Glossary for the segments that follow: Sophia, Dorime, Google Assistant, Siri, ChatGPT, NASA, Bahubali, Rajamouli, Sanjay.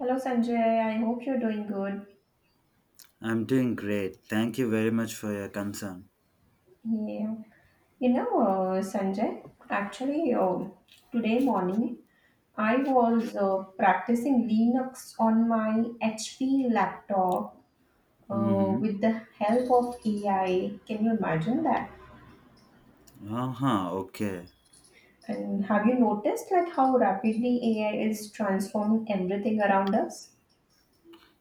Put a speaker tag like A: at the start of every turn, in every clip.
A: Hello Sanjay, I hope you're doing good.
B: I'm doing great. Thank you very much for your concern.
A: Yeah. You know, Sanjay, actually, today morning I was practicing Linux on my HP laptop
B: Mm-hmm.
A: with the help of AI. Can you imagine that?
B: Uh-huh. Okay.
A: And have you noticed like how rapidly AI is transforming everything around us?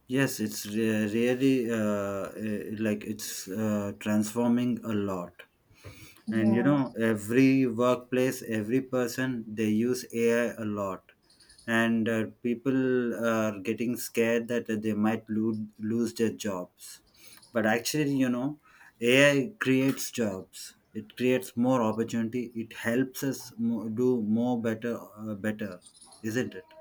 B: Yes, it's re- really eh, like it's transforming a lot. And you
A: Yeah.
B: know, every workplace, every person, they use AI a lot. And people are getting scared that they might lose their jobs. But actually, you know, AI creates jobs, it creates more opportunity, it helps us mo- do more better better, isn't it?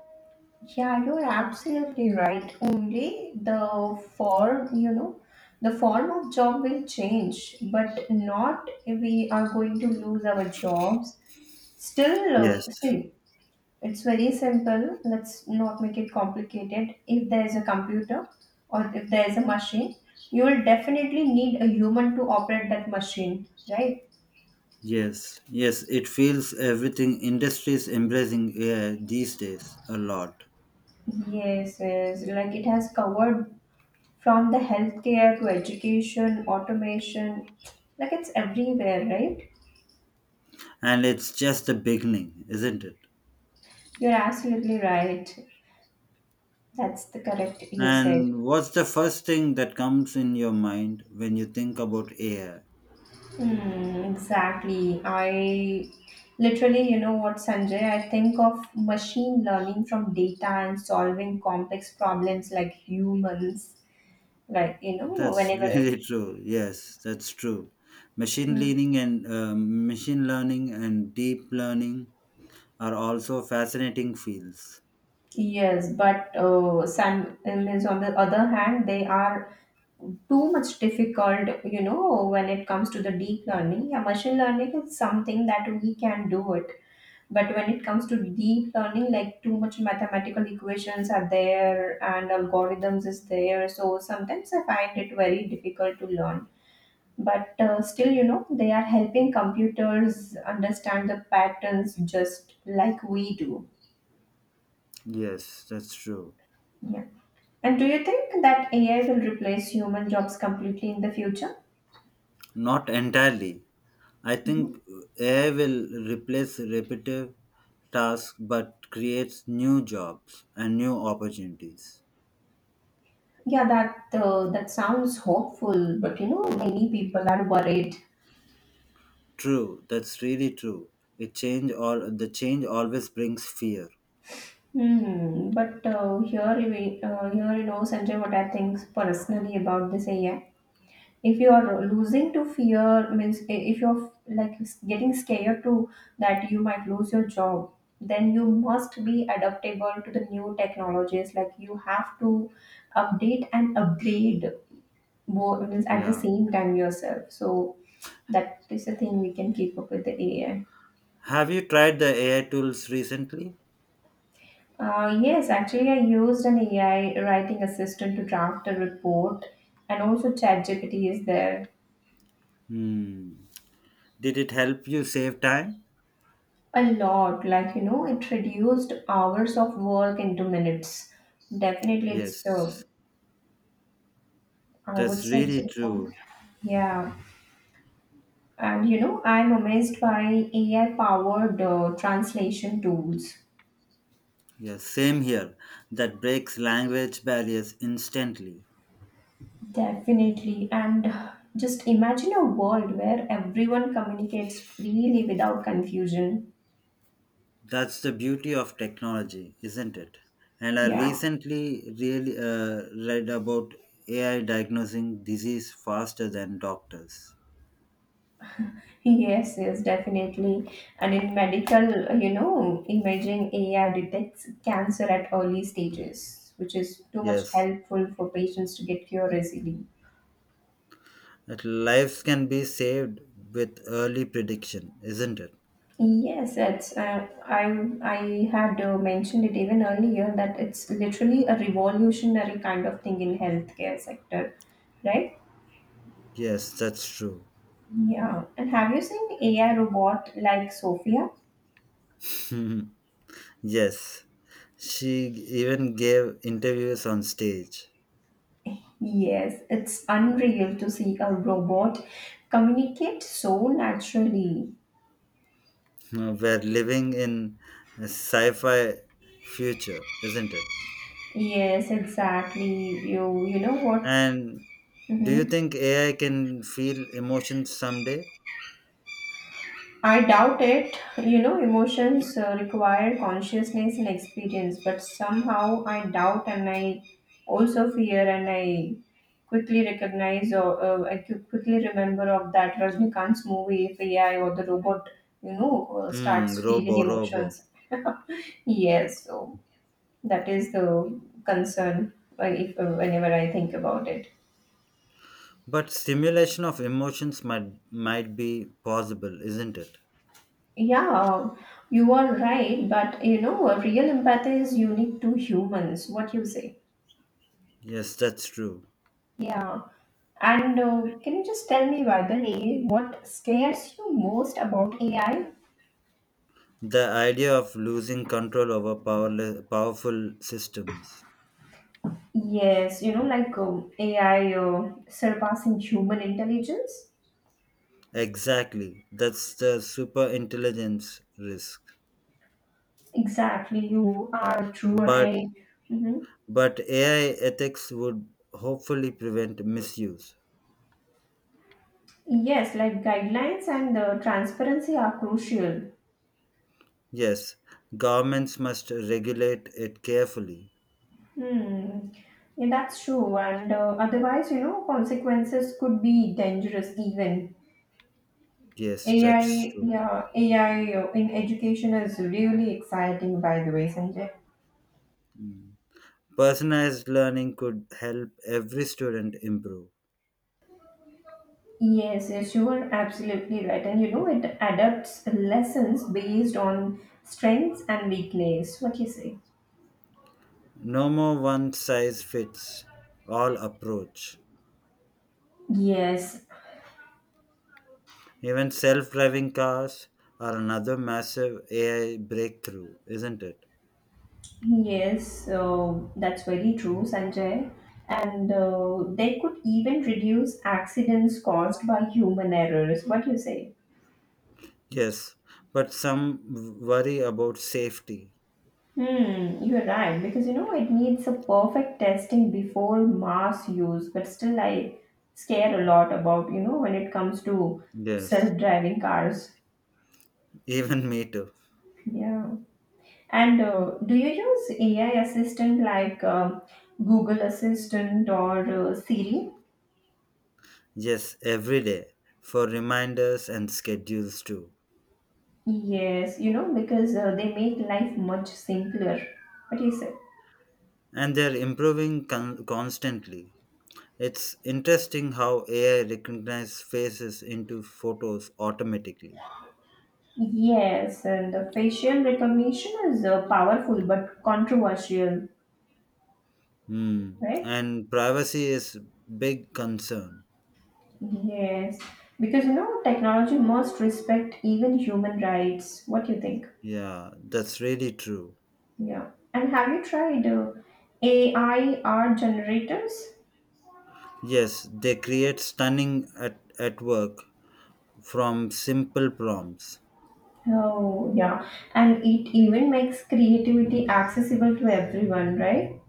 A: Yeah, you're absolutely right. Only the form, you know, the form of job will change, but not we are going to lose our jobs. Still,
B: Yes,
A: see, it's very simple. Let's not make it complicated. If there is a computer or if there is a machine, you will definitely need a human to operate that machine, right?
B: yes, yes, it feels everything industries embracing AI these days a lot.
A: Yes, yes. Like it has covered from the healthcare to education, automation, like it's everywhere, right?
B: And it's just the beginning, isn't it?
A: You're absolutely right. That's the correct usage.
B: And what's the first thing that comes in your mind when you think about AI?
A: Hmm, exactly. I literally, you know what, Sanjay, I think of machine learning from data and solving complex problems like humans. Like, you know,
B: That's
A: whenever I.
B: really true. Yes, that's true.
A: Yeah.
B: Machine learning and deep learning are also fascinating fields.
A: Yes, but some, I mean, on the other hand, they are too much difficult, you know, when it comes to the deep learning. Yeah, machine learning is something that we can do it, but when it comes to deep learning, like too much mathematical equations are there and algorithms is there, so sometimes I find it very difficult to learn. But still you know they are helping computers understand the patterns just like we do.
B: Yes, that's true.
A: Yeah, and do you think that AI will replace human jobs completely in the future?
B: Not entirely. I
A: Mm-hmm.
B: think AI will replace repetitive tasks but creates new jobs and new opportunities.
A: Yeah, that that sounds hopeful, but you know, many people are worried.
B: True, that's really true. It change all the change always brings fear.
A: Hmm. But here, here you know, Sanjay, what I think personally about this AI. If you are losing to fear, means if you're like getting scared to that you might lose your job, then you must be adaptable to the new technologies. Like you have to update and upgrade both means at the
B: Yeah.
A: same time yourself. So that is the thing we can keep up with the AI.
B: Have you tried the AI tools recently?
A: Yes, actually, I used an AI writing assistant to draft a report, and also ChatGPT is there
B: Hmm. Did it help you save time?
A: a lot. Like, you know, it reduced hours of work into minutes. Definitely, it's the,
B: Yes,
A: I would
B: that's
A: say, it's
B: really
A: the form.
B: true.
A: Yeah, and you know, I'm amazed by AI powered translation tools.
B: Yes, same here. That breaks language barriers instantly.
A: Definitely. And just imagine a world where everyone communicates freely without confusion.
B: That's the beauty of technology, isn't it? And I
A: Yeah.
B: recently really read about AI diagnosing disease faster than doctors.
A: Yes, yes, definitely. And in medical, you know, imaging AI detects cancer at early stages, which is too much
B: Yes,
A: helpful for patients to get cured easily.
B: that lives can be saved with early prediction, isn't it?
A: Yes, that's uh, I had mentioned it even earlier that it's literally a revolutionary kind of thing in healthcare sector, right?
B: Yes, that's true.
A: Yeah. And have you seen AI robot like Sophia?
B: Yes. She even gave interviews on stage.
A: Yes, it's unreal to see a robot communicate so naturally.
B: Now, we're living in a sci fi future, isn't it?
A: Yes, exactly. You know what?
B: And do you
A: Hmm.
B: think AI can feel emotions someday?
A: I doubt it. You know, emotions require consciousness and experience, but somehow I doubt and I also fear and I quickly recognize or quickly remember of that Rajnikant's movie if AI or the robot, you know,
B: Hmm,
A: starts feeling
B: robo, robo.
A: emotions. Yes, so that is the concern if whenever I think about it.
B: But simulation of emotions might be possible, isn't it?
A: Yeah, you are right, but you know, a real empathy is unique to humans. What you say?
B: Yes, that's true.
A: Yeah. And can you just tell me, by the way, what scares you most about AI?
B: The idea of losing control over powerless, powerful systems.
A: Yes, you know, like AI surpassing human intelligence.
B: Exactly. That's the super intelligence risk.
A: Exactly, you are true, and
B: But
A: I. Mhm.
B: AI ethics would hopefully prevent misuse.
A: Yes, like guidelines and transparency are crucial.
B: Yes, governments must regulate it carefully.
A: Hmm. Yeah, that's true. And otherwise, you know, consequences could be dangerous even.
B: Yes, that's
A: AI,
B: true.
A: yeah, AI in education is really exciting, by the way, Sanjay.
B: Personalized learning could help every student improve.
A: Yes, yes, you are absolutely right. And you know, it adapts lessons based on strengths and weakness. What you say?
B: No more one size fits all approach.
A: Yes,
B: Even self driving cars are another massive AI breakthrough, isn't it?
A: yes, so that's very true, Sanjay. And they could even reduce accidents caused by human errors. What do you say?
B: Yes, but some w- worry about safety.
A: Hmm, you're right because you know it needs a perfect testing before mass use, but still I scare a lot about you know when it comes to
B: Yes,
A: self-driving cars.
B: even me too.
A: Yeah, and do you use AI assistant like Google Assistant or Siri?
B: Yes, every day for reminders and schedules too.
A: Yes, you know because they make life much simpler. What do you say?
B: And they're improving con- constantly. It's interesting how AI recognizes faces into photos automatically.
A: Yes, and the facial recognition is powerful but controversial,
B: Hmm.
A: right?
B: And privacy is big concern.
A: Yes, because you know, technology must respect even human rights. What do you think?
B: Yeah, that's really true.
A: Yeah. And have you tried AI art generators?
B: Yes, they create stunning at work from simple prompts.
A: Oh, yeah. And it even makes creativity accessible to everyone, right?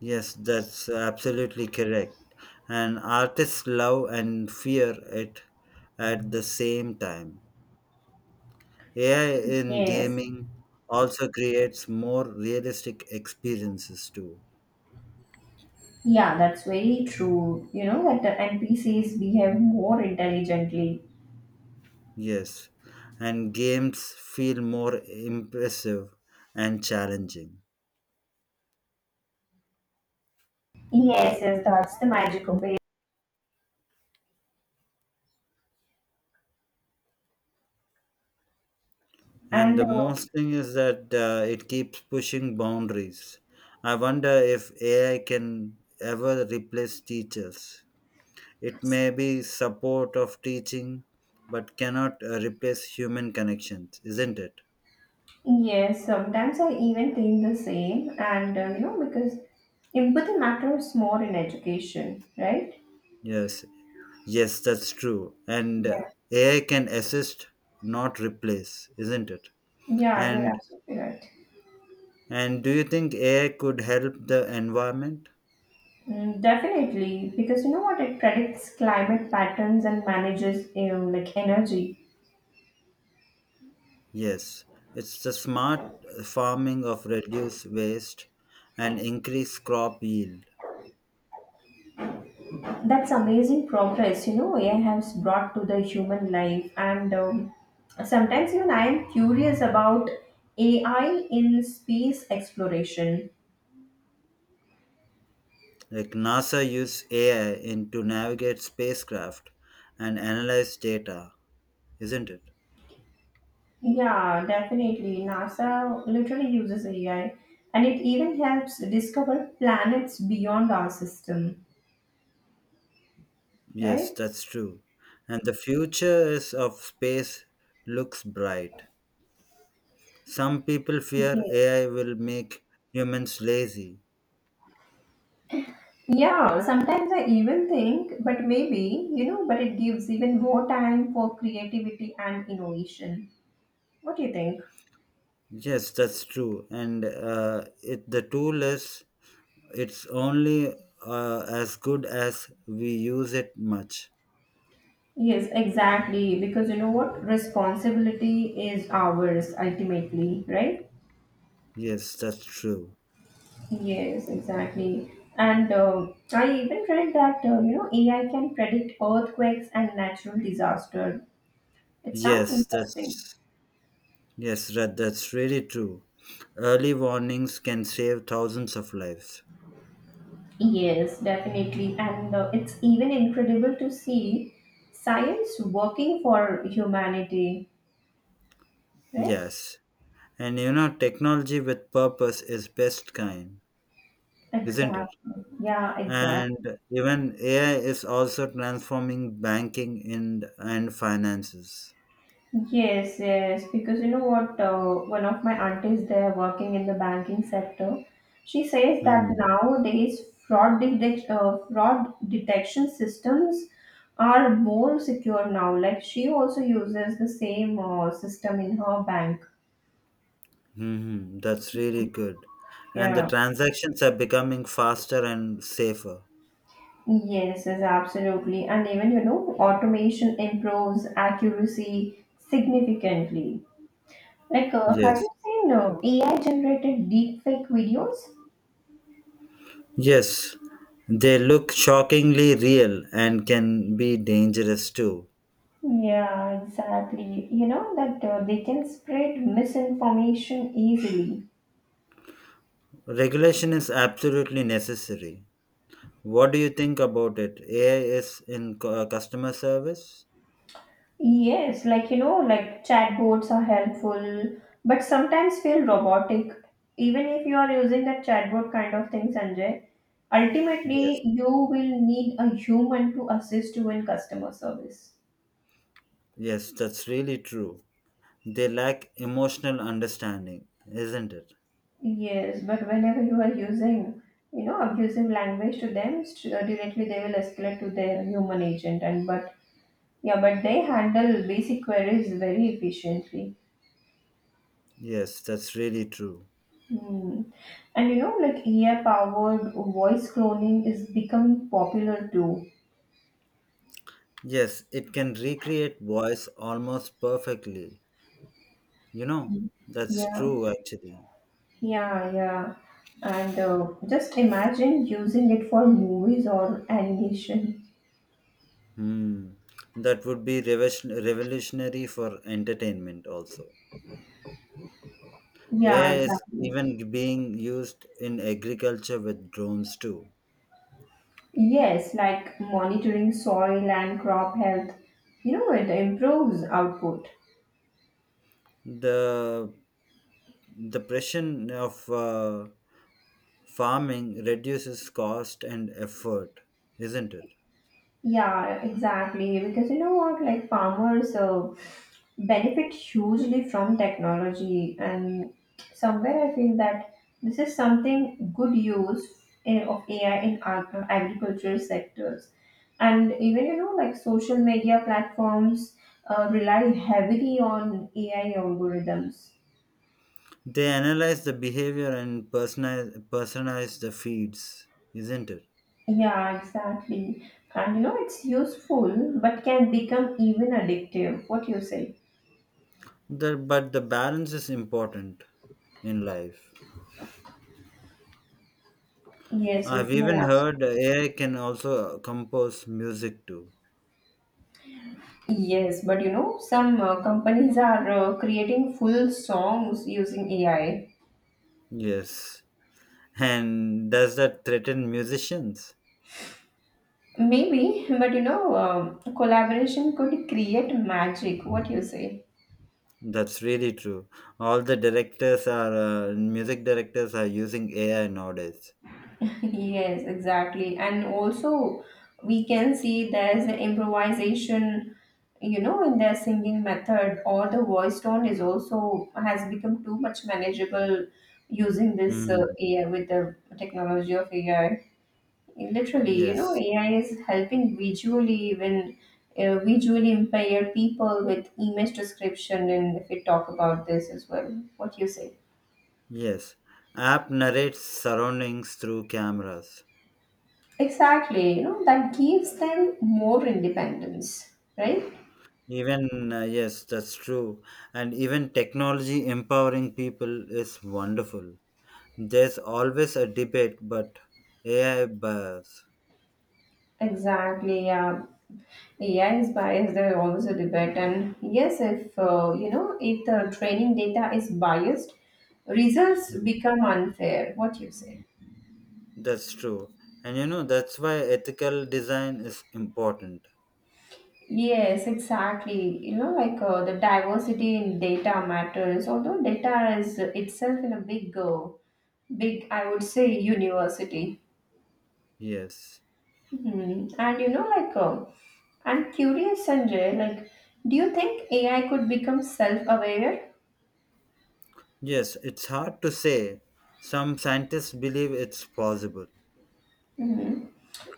B: Yes, that's absolutely correct. And artists love and fear it at the same time. AI in
A: Yes.
B: gaming also creates more realistic experiences too.
A: Yeah, that's very true. You know that the NPCs behave more intelligently.
B: Yes, and games feel more impressive and challenging.
A: Yes, yes, that's the magic of it.
B: And
A: And
B: the most thing is that it keeps pushing boundaries. I wonder if AI can ever replace teachers. It may be support of teaching, but cannot replace human connections, isn't it?
A: yes, sometimes I even think the same, and you know, because empathy matters more in education, right?
B: Yes, yes, that's true. And
A: Yeah,
B: AI can assist, not replace, isn't it?
A: yeah, you're
B: And
A: absolutely right.
B: and do you think AI could help the environment?
A: Mm, definitely, because you know what, it predicts climate patterns and manages you know, like energy.
B: Yes, it's the smart farming of reduce waste and increase crop yield.
A: That's amazing progress, you know, AI has brought to the human life, and sometimes even I am curious about AI in space exploration.
B: Like NASA use AI in to navigate spacecraft and analyze data, isn't it?
A: Yeah, definitely. NASA literally uses AI and it even helps discover planets beyond our system,
B: Yes,
A: right?
B: that's true. And the future is of space looks bright. Some people fear
A: Okay.
B: AI will make humans lazy.
A: Yeah, sometimes I even think, but maybe, you know, but it gives even more time for creativity and innovation. What do you think?
B: Yes, that's true. And it, the tool is, it's only as good as we use it much.
A: Yes, exactly. Because you know what? Responsibility is ours ultimately, right?
B: Yes, that's true.
A: Yes, exactly. And I even read that you know AI can predict earthquakes and natural disaster. It sounds
B: Yes,
A: interesting.
B: that's yes, that, that's really true. Early warnings can save thousands of lives.
A: Yes, definitely. And it's even incredible to see science working for humanity, right?
B: Yes. And you know, technology with purpose is best kind, isn't it?
A: Exactly. Yeah, exactly.
B: And even AI is also transforming banking in and finances.
A: Yes, yes, because you know what? One of my aunties there working in the banking sector, she says that
B: Hmm.
A: nowadays fraud detection systems are more secure now. Like she also uses the same system in her bank.
B: Hmm, that's really good. And the
A: Yeah.
B: transactions are becoming faster and safer.
A: Yes, yes, absolutely. And even, you know, automation improves accuracy significantly. Like, have
B: Yes.
A: you seen AI generated deepfake videos?
B: Yes. They look shockingly real and can be dangerous too.
A: Yeah, exactly. You know that they can spread misinformation easily.
B: Regulation is absolutely necessary. What do you think about it? AI is in cu- customer service?
A: Yes, like you know, like chatbots are helpful, but sometimes feel robotic. Even if you are using that chatbot kind of thing, Sanjay,
B: Yes.
A: ultimately you will need a human to assist you in customer service.
B: Yes, that's really true. They lack emotional understanding, isn't it?
A: Yes, but whenever you are using, you know, abusive language to them, directly they will escalate to their human agent, and but yeah, but they handle basic queries very efficiently.
B: Yes, that's really true.
A: Hmm. And you know, like AI powered voice cloning is becoming popular too.
B: Yes, it can recreate voice almost perfectly. You know, that's
A: Yeah,
B: true actually.
A: yeah, yeah. And just imagine using it for movies or animation.
B: Hmm. That would be revolution- revolutionary for entertainment also.
A: Yeah,
B: AI is
A: exactly.
B: even being used in agriculture with drones too.
A: Yes, like monitoring soil and crop health. You know, it improves output.
B: The pressure of farming reduces cost and effort, isn't it?
A: Yeah, exactly. Because you know what, like farmers benefit hugely from technology, and somewhere I feel that this is something good use in, of AI in agricultural sectors, and even you know like social media platforms rely heavily on AI algorithms.
B: They analyze the behavior and personalize the feeds, isn't it?
A: Yeah, exactly. And you know it's useful, but can become even addictive. What you say?
B: The, but the balance is important in life.
A: Yes, you're
B: I've even heard AI can also compose music too.
A: yes, but you know, some companies are creating full songs using AI.
B: Yes. And does that threaten musicians?
A: Maybe, but you know, collaboration could create magic. What you say?
B: That's really true. All the directors are, music directors are using AI nowadays.
A: Yes, exactly. And also, we can see there's an improvisation, you know, in their singing method, or the voice tone is also has become too much manageable using this
B: Hmm.
A: AI with the technology of AI. Literally you know
B: Yes.
A: AI is helping visually even visually impaired people with image description and if we talk about this as well, what you say?
B: Yes. App narrates surroundings through cameras.
A: Exactly, you know that gives them more independence, right?
B: Even, yes, that's true. And even technology empowering people is wonderful. There's always a debate, but AI bias.
A: Exactly, yeah, AI is biased, there always a debate and yes, if you know if the training data is biased, results become unfair. What you say?
B: That's true. And you know, that's why ethical design is important.
A: Yes, exactly. You know, like the diversity in data matters, although data is itself in a big, I would say, university.
B: Yes.
A: Hmm. And you know, like, I'm curious, Sanjay, like, do you think AI could become self-aware?
B: Yes, it's hard to say. Some scientists believe it's possible,
A: Hmm.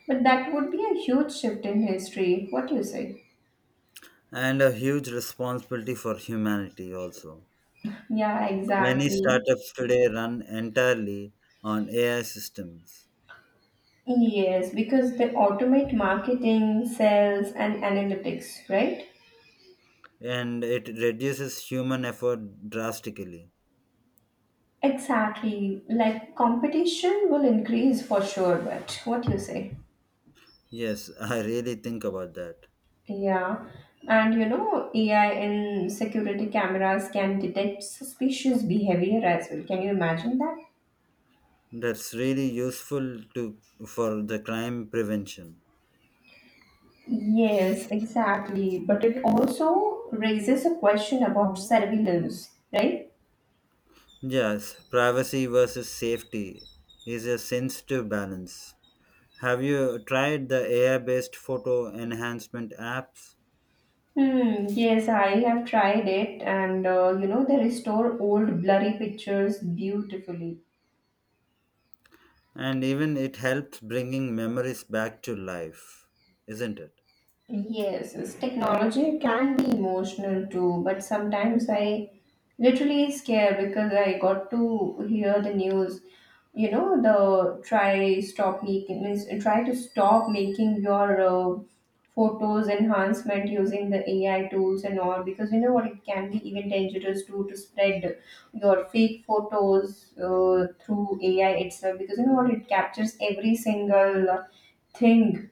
A: But that would be a huge shift in history. What do you say?
B: and a huge responsibility for humanity also.
A: Yeah,
B: Many
A: exactly.
B: startups today run entirely on AI systems,
A: Yes, because they automate marketing, sales, and analytics, right?
B: and it reduces human effort drastically.
A: Exactly. Like competition will increase for sure, but what you say?
B: Yes, I really think about that.
A: Yeah. And you know, AI in security cameras can detect suspicious behavior as well. Can you imagine that?
B: That's really useful to for the crime prevention.
A: Yes, exactly. But it also raises a question about surveillance, right?
B: Yes, privacy versus safety is a sensitive balance. Have you tried the AI-based photo enhancement apps?
A: Hmm, yes, I have tried it, and you know, they restore old blurry pictures beautifully.
B: And even it helps bringing memories back to life, isn't it?
A: Yes, yes, technology can be emotional too, but sometimes I literally scare because I got to hear the news. You know, the try stop making means try to stop making your photos enhancement using the AI tools and all, because you know what, it can be even dangerous to spread your fake photos through AI itself, because you know what, it captures every single thing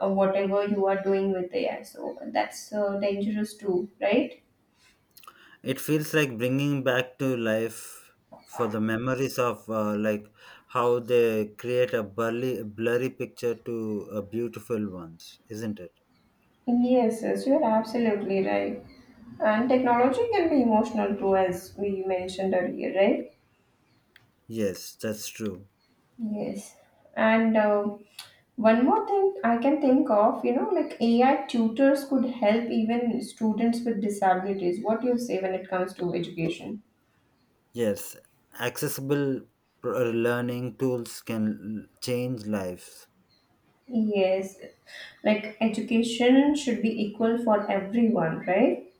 A: whatever you are doing with AI. So that's dangerous too, right?
B: It feels like bringing back to life for the memories of like how they create a blurry picture to a beautiful ones, isn't it?
A: Yes, yes, you're absolutely right. And technology can be emotional too, as we mentioned earlier, right?
B: Yes, that's true.
A: Yes. And one more thing I can think of, you know, like AI tutors could help even students with disabilities. What do you say when it comes to education?
B: Yes, accessible pro- learning tools can l- change lives.
A: Yes. Like education should be equal for everyone, right?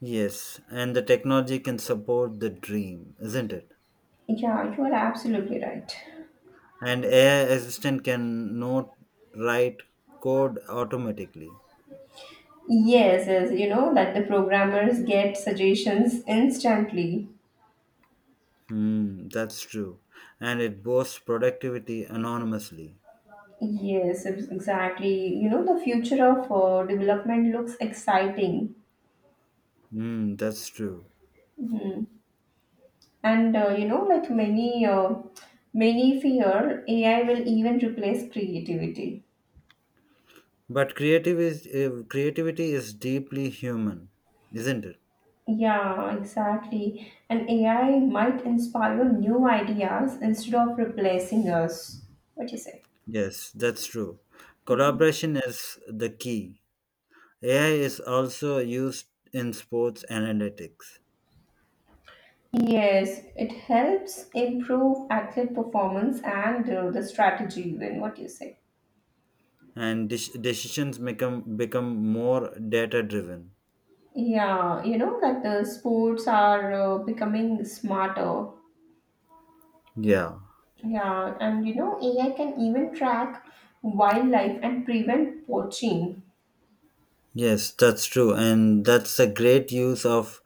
B: Yes, and the technology can support the dream, isn't it?
A: Yeah, you are absolutely right.
B: And AI assistant can not write code automatically.
A: Yes, yes, you know that the programmers get suggestions instantly.
B: Hmm, that's true. And it boosts productivity anonymously.
A: Yes, exactly. You know, the future of development looks exciting.
B: Hmm, that's true.
A: Mhm. And you know, like many fear AI will even replace creativity.
B: But creativity is deeply human, isn't it?
A: Yeah, exactly. And AI might inspire new ideas instead of replacing us. What do you say?
B: Yes, that's true. Collaboration is the key. AI is also used in sports analytics,
A: Yes, it helps improve athlete performance and the strategy win. What do you say?
B: and dec- decisions become more data driven.
A: Yeah, you know that the sports are becoming smarter.
B: Yeah.
A: Yeah, and you know AI can even track wildlife and prevent poaching.
B: Yes, that's true, and that's a great use of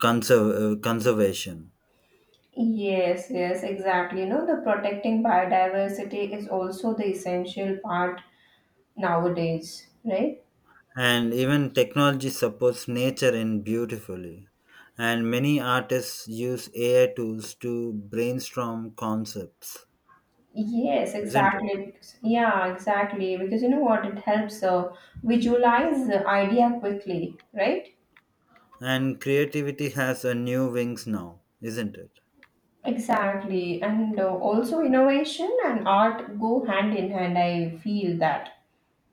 B: conserv- conservation.
A: Yes, yes, exactly. You know, the protecting biodiversity is also the essential part nowadays, right?
B: And even technology supports nature in beautifully. And many artists use AI tools to brainstorm concepts,
A: Yes,
B: isn't it?
A: exactly. Because, yeah, exactly. Because you know what? It helps visualize the idea quickly, right?
B: And creativity has a new wings now, isn't it?
A: Exactly. And also, innovation and art go hand in hand. I feel that.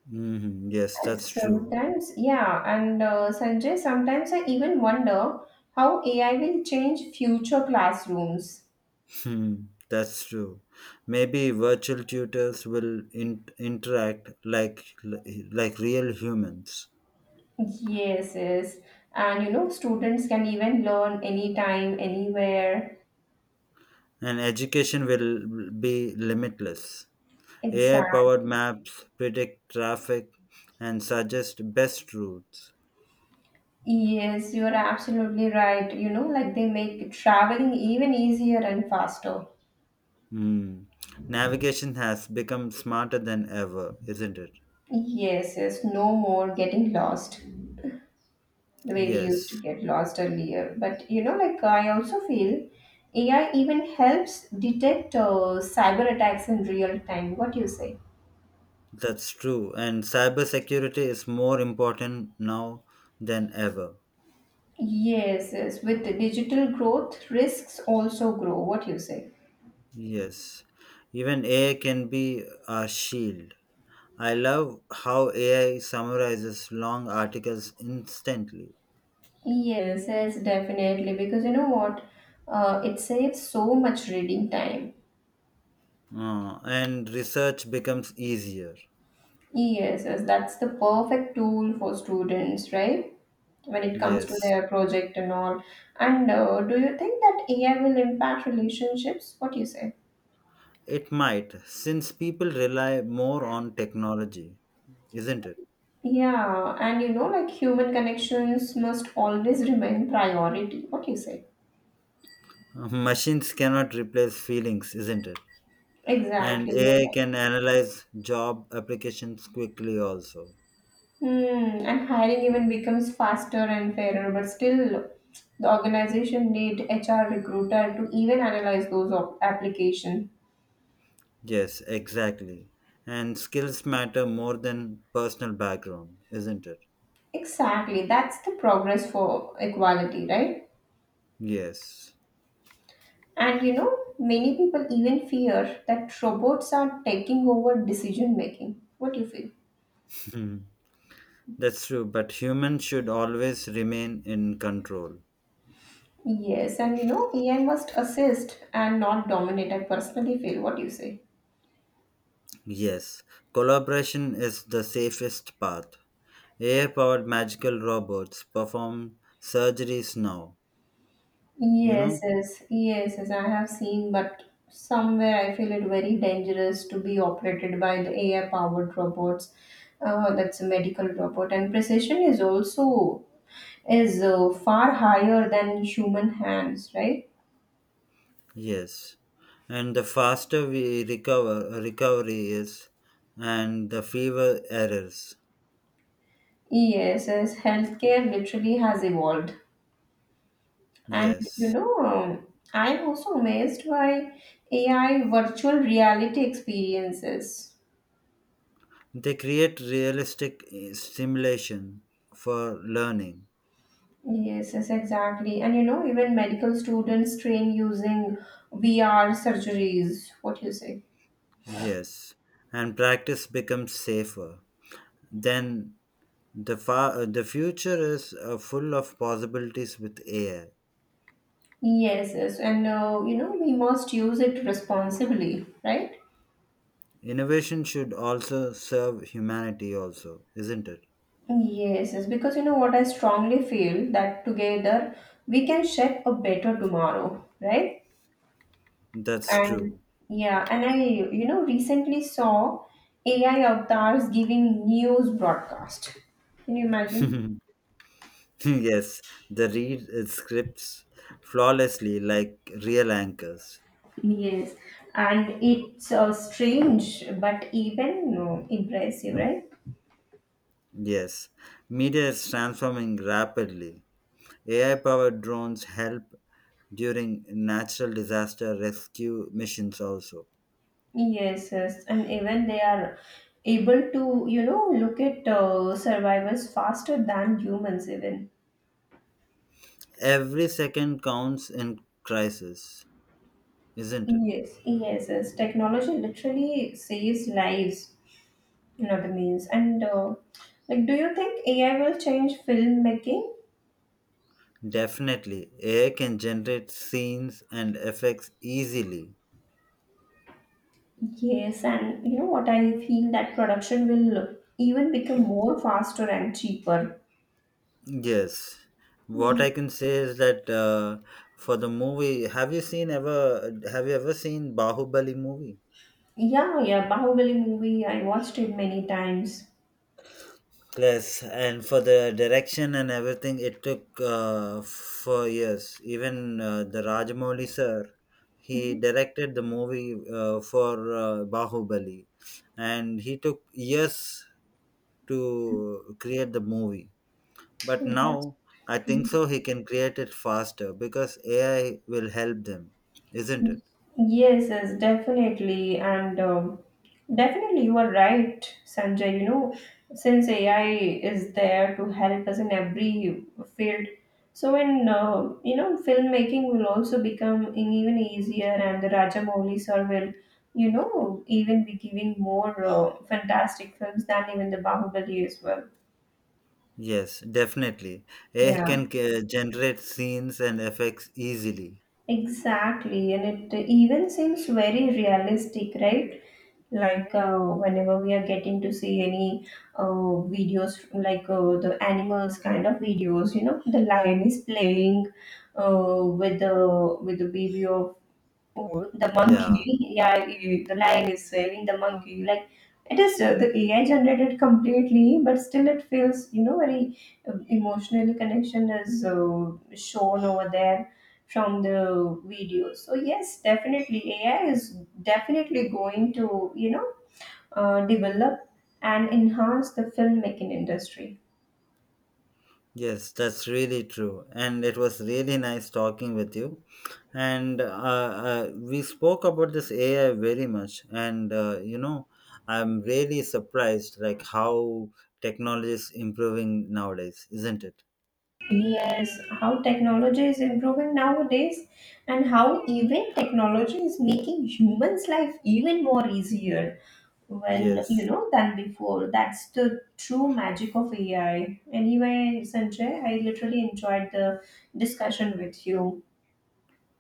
B: Hmm, yes,
A: And
B: that's true.
A: sometimes, yeah. And Sanjay, sometimes I even wonder how AI will change future classrooms.
B: Hmm, that's true. Maybe virtual tutors will in- interact like real humans,
A: Yes, yes. And you know, students can even learn anytime, anywhere.
B: and education will be limitless. AI powered
A: Exactly.
B: maps predict traffic and suggest best routes.
A: Yes, you are absolutely right. You know, like they make traveling even easier and faster.
B: Hmm. Navigation has become smarter than ever, isn't it?
A: Yes, yes, no more getting lost the way we used
B: Yes.
A: to get lost earlier. But you know, like I also feel AI even helps detect cyber attacks in real time. What do you say?
B: That's true. And cybersecurity is more important now than ever.
A: Yes, yes, with the digital growth, risks also grow. What do you say?
B: Yes. Even AI can be our shield. I love how AI summarizes long articles instantly.
A: Yes, yes, definitely. Because you know what? It saves so much reading time.
B: And research becomes easier.
A: Yes, yes, that's the perfect tool for students, right? When it comes
B: Yes.
A: to their project and all. And do you think that AI will impact relationships? What do you say?
B: It might, since people rely more on technology, isn't it?
A: Yeah, and you know, like human connections must always remain priority. What do you say?
B: Machines cannot replace feelings, isn't it? And
A: Exactly. You're right.
B: AI can analyze job applications quickly also.
A: Hmm, and hiring even becomes faster and fairer, but still, the organization need HR recruiter to even analyze those application.
B: Yes, exactly. And skills matter more than personal background, isn't it?
A: Exactly, that's the progress for equality, right?
B: Yes.
A: And you know, many people even fear that robots are taking over decision making. What do you feel?
B: Hmm. That's true, but humans should always remain in control.
A: Yes, and you know, AI must assist and not dominate. I personally feel, what do you say?
B: Yes, collaboration is the safest path. AI powered magical robots perform surgeries now, you
A: Yes,
B: know?
A: yes, yes, yes, I have seen, but somewhere I feel it very dangerous to be operated by the AI powered robots. That's a medical robot, and precision is also is far higher than human hands, right?
B: Yes, and the faster we recover, recovery is, and the fewer errors.
A: Yes, as healthcare literally has evolved. And you
B: Yes,
A: know, I'm also amazed by AI virtual reality experiences.
B: they create realistic simulation for learning.
A: Yes, yes, exactly. And you know, even medical students train using VR surgeries. What do you say?
B: Yes, and practice becomes safer. Then the fa- the future is full of possibilities with AI.
A: Yes, yes. And you know, we must use it responsibly, right?
B: Innovation should also serve humanity, also, isn't it?
A: Yes, yes, because you know what, I strongly feel that together we can shape a better tomorrow, right?
B: That's
A: And
B: true.
A: yeah, and I, you know, recently saw AI avatars giving news broadcast. Can you imagine?
B: Yes, they read scripts flawlessly like real anchors.
A: Yes, and it's strange, but even impressive, right?
B: Yes, media is transforming rapidly. AI powered drones help during natural disaster rescue missions also.
A: Yes, yes, and even they are able to, you know, look at survivors faster than humans, even.
B: Every second counts in crisis, isn't it?
A: Yes, yes, yes. Technology literally saves lives, you know, the means. And like, do you think AI will change filmmaking?
B: Definitely, AI can generate scenes and effects easily.
A: Yes, and you know what? I feel that production will even become more faster and cheaper.
B: Yes. What
A: Mm.
B: I can say is that for the movie, have you ever seen Bahubali movie?
A: Yeah, yeah. Bahubali movie, I watched it many times.
B: Yes, and for the direction and everything, it took 4 years. Even the Rajamouli sir, he
A: Mhm.
B: directed the movie for Bahubali, and he took years to create the movie. But
A: That's-
B: now I think
A: Mm-hmm.
B: so he can create it faster because AI will help them, isn't it?
A: Yes, yes, definitely. And definitely, you are right, Sanjay. You know, since AI is there to help us in every field, so in, you know, filmmaking will also become in even easier, and the Rajamouli sir will, you know, even be giving more fantastic films than even the Bahubali as well.
B: Yes, definitely. AI
A: Yeah,
B: can generate scenes and effects easily.
A: exactly. And it even seems very realistic, right? Like whenever we are getting to see any videos, like the animals kind of videos, you know, the lion is playing with the baby of, oh, the monkey,
B: Yeah.
A: yeah. The lion is saving the monkey, like, it is the AI generated completely, but still it feels, you know, very emotionally connection is shown over there from the videos. So yes, definitely AI is definitely going to, you know, develop and enhance the filmmaking industry.
B: Yes, that's really true. And it was really nice talking with you. And we spoke about this AI very much. And, you know, I'm really surprised like how technology is improving nowadays, isn't it?
A: Yes, how technology is improving nowadays, and how even technology is making humans' life even more easier when, you
B: Yes.
A: know, than before. That's the true magic of AI. Anyway, Sanjay, I literally enjoyed the discussion with you.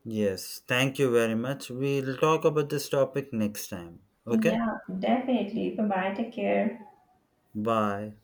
B: Yes. Thank you very much. We'll talk about this topic next time. Okay?
A: Yeah, definitely. Bye bye. Take care.
B: Bye.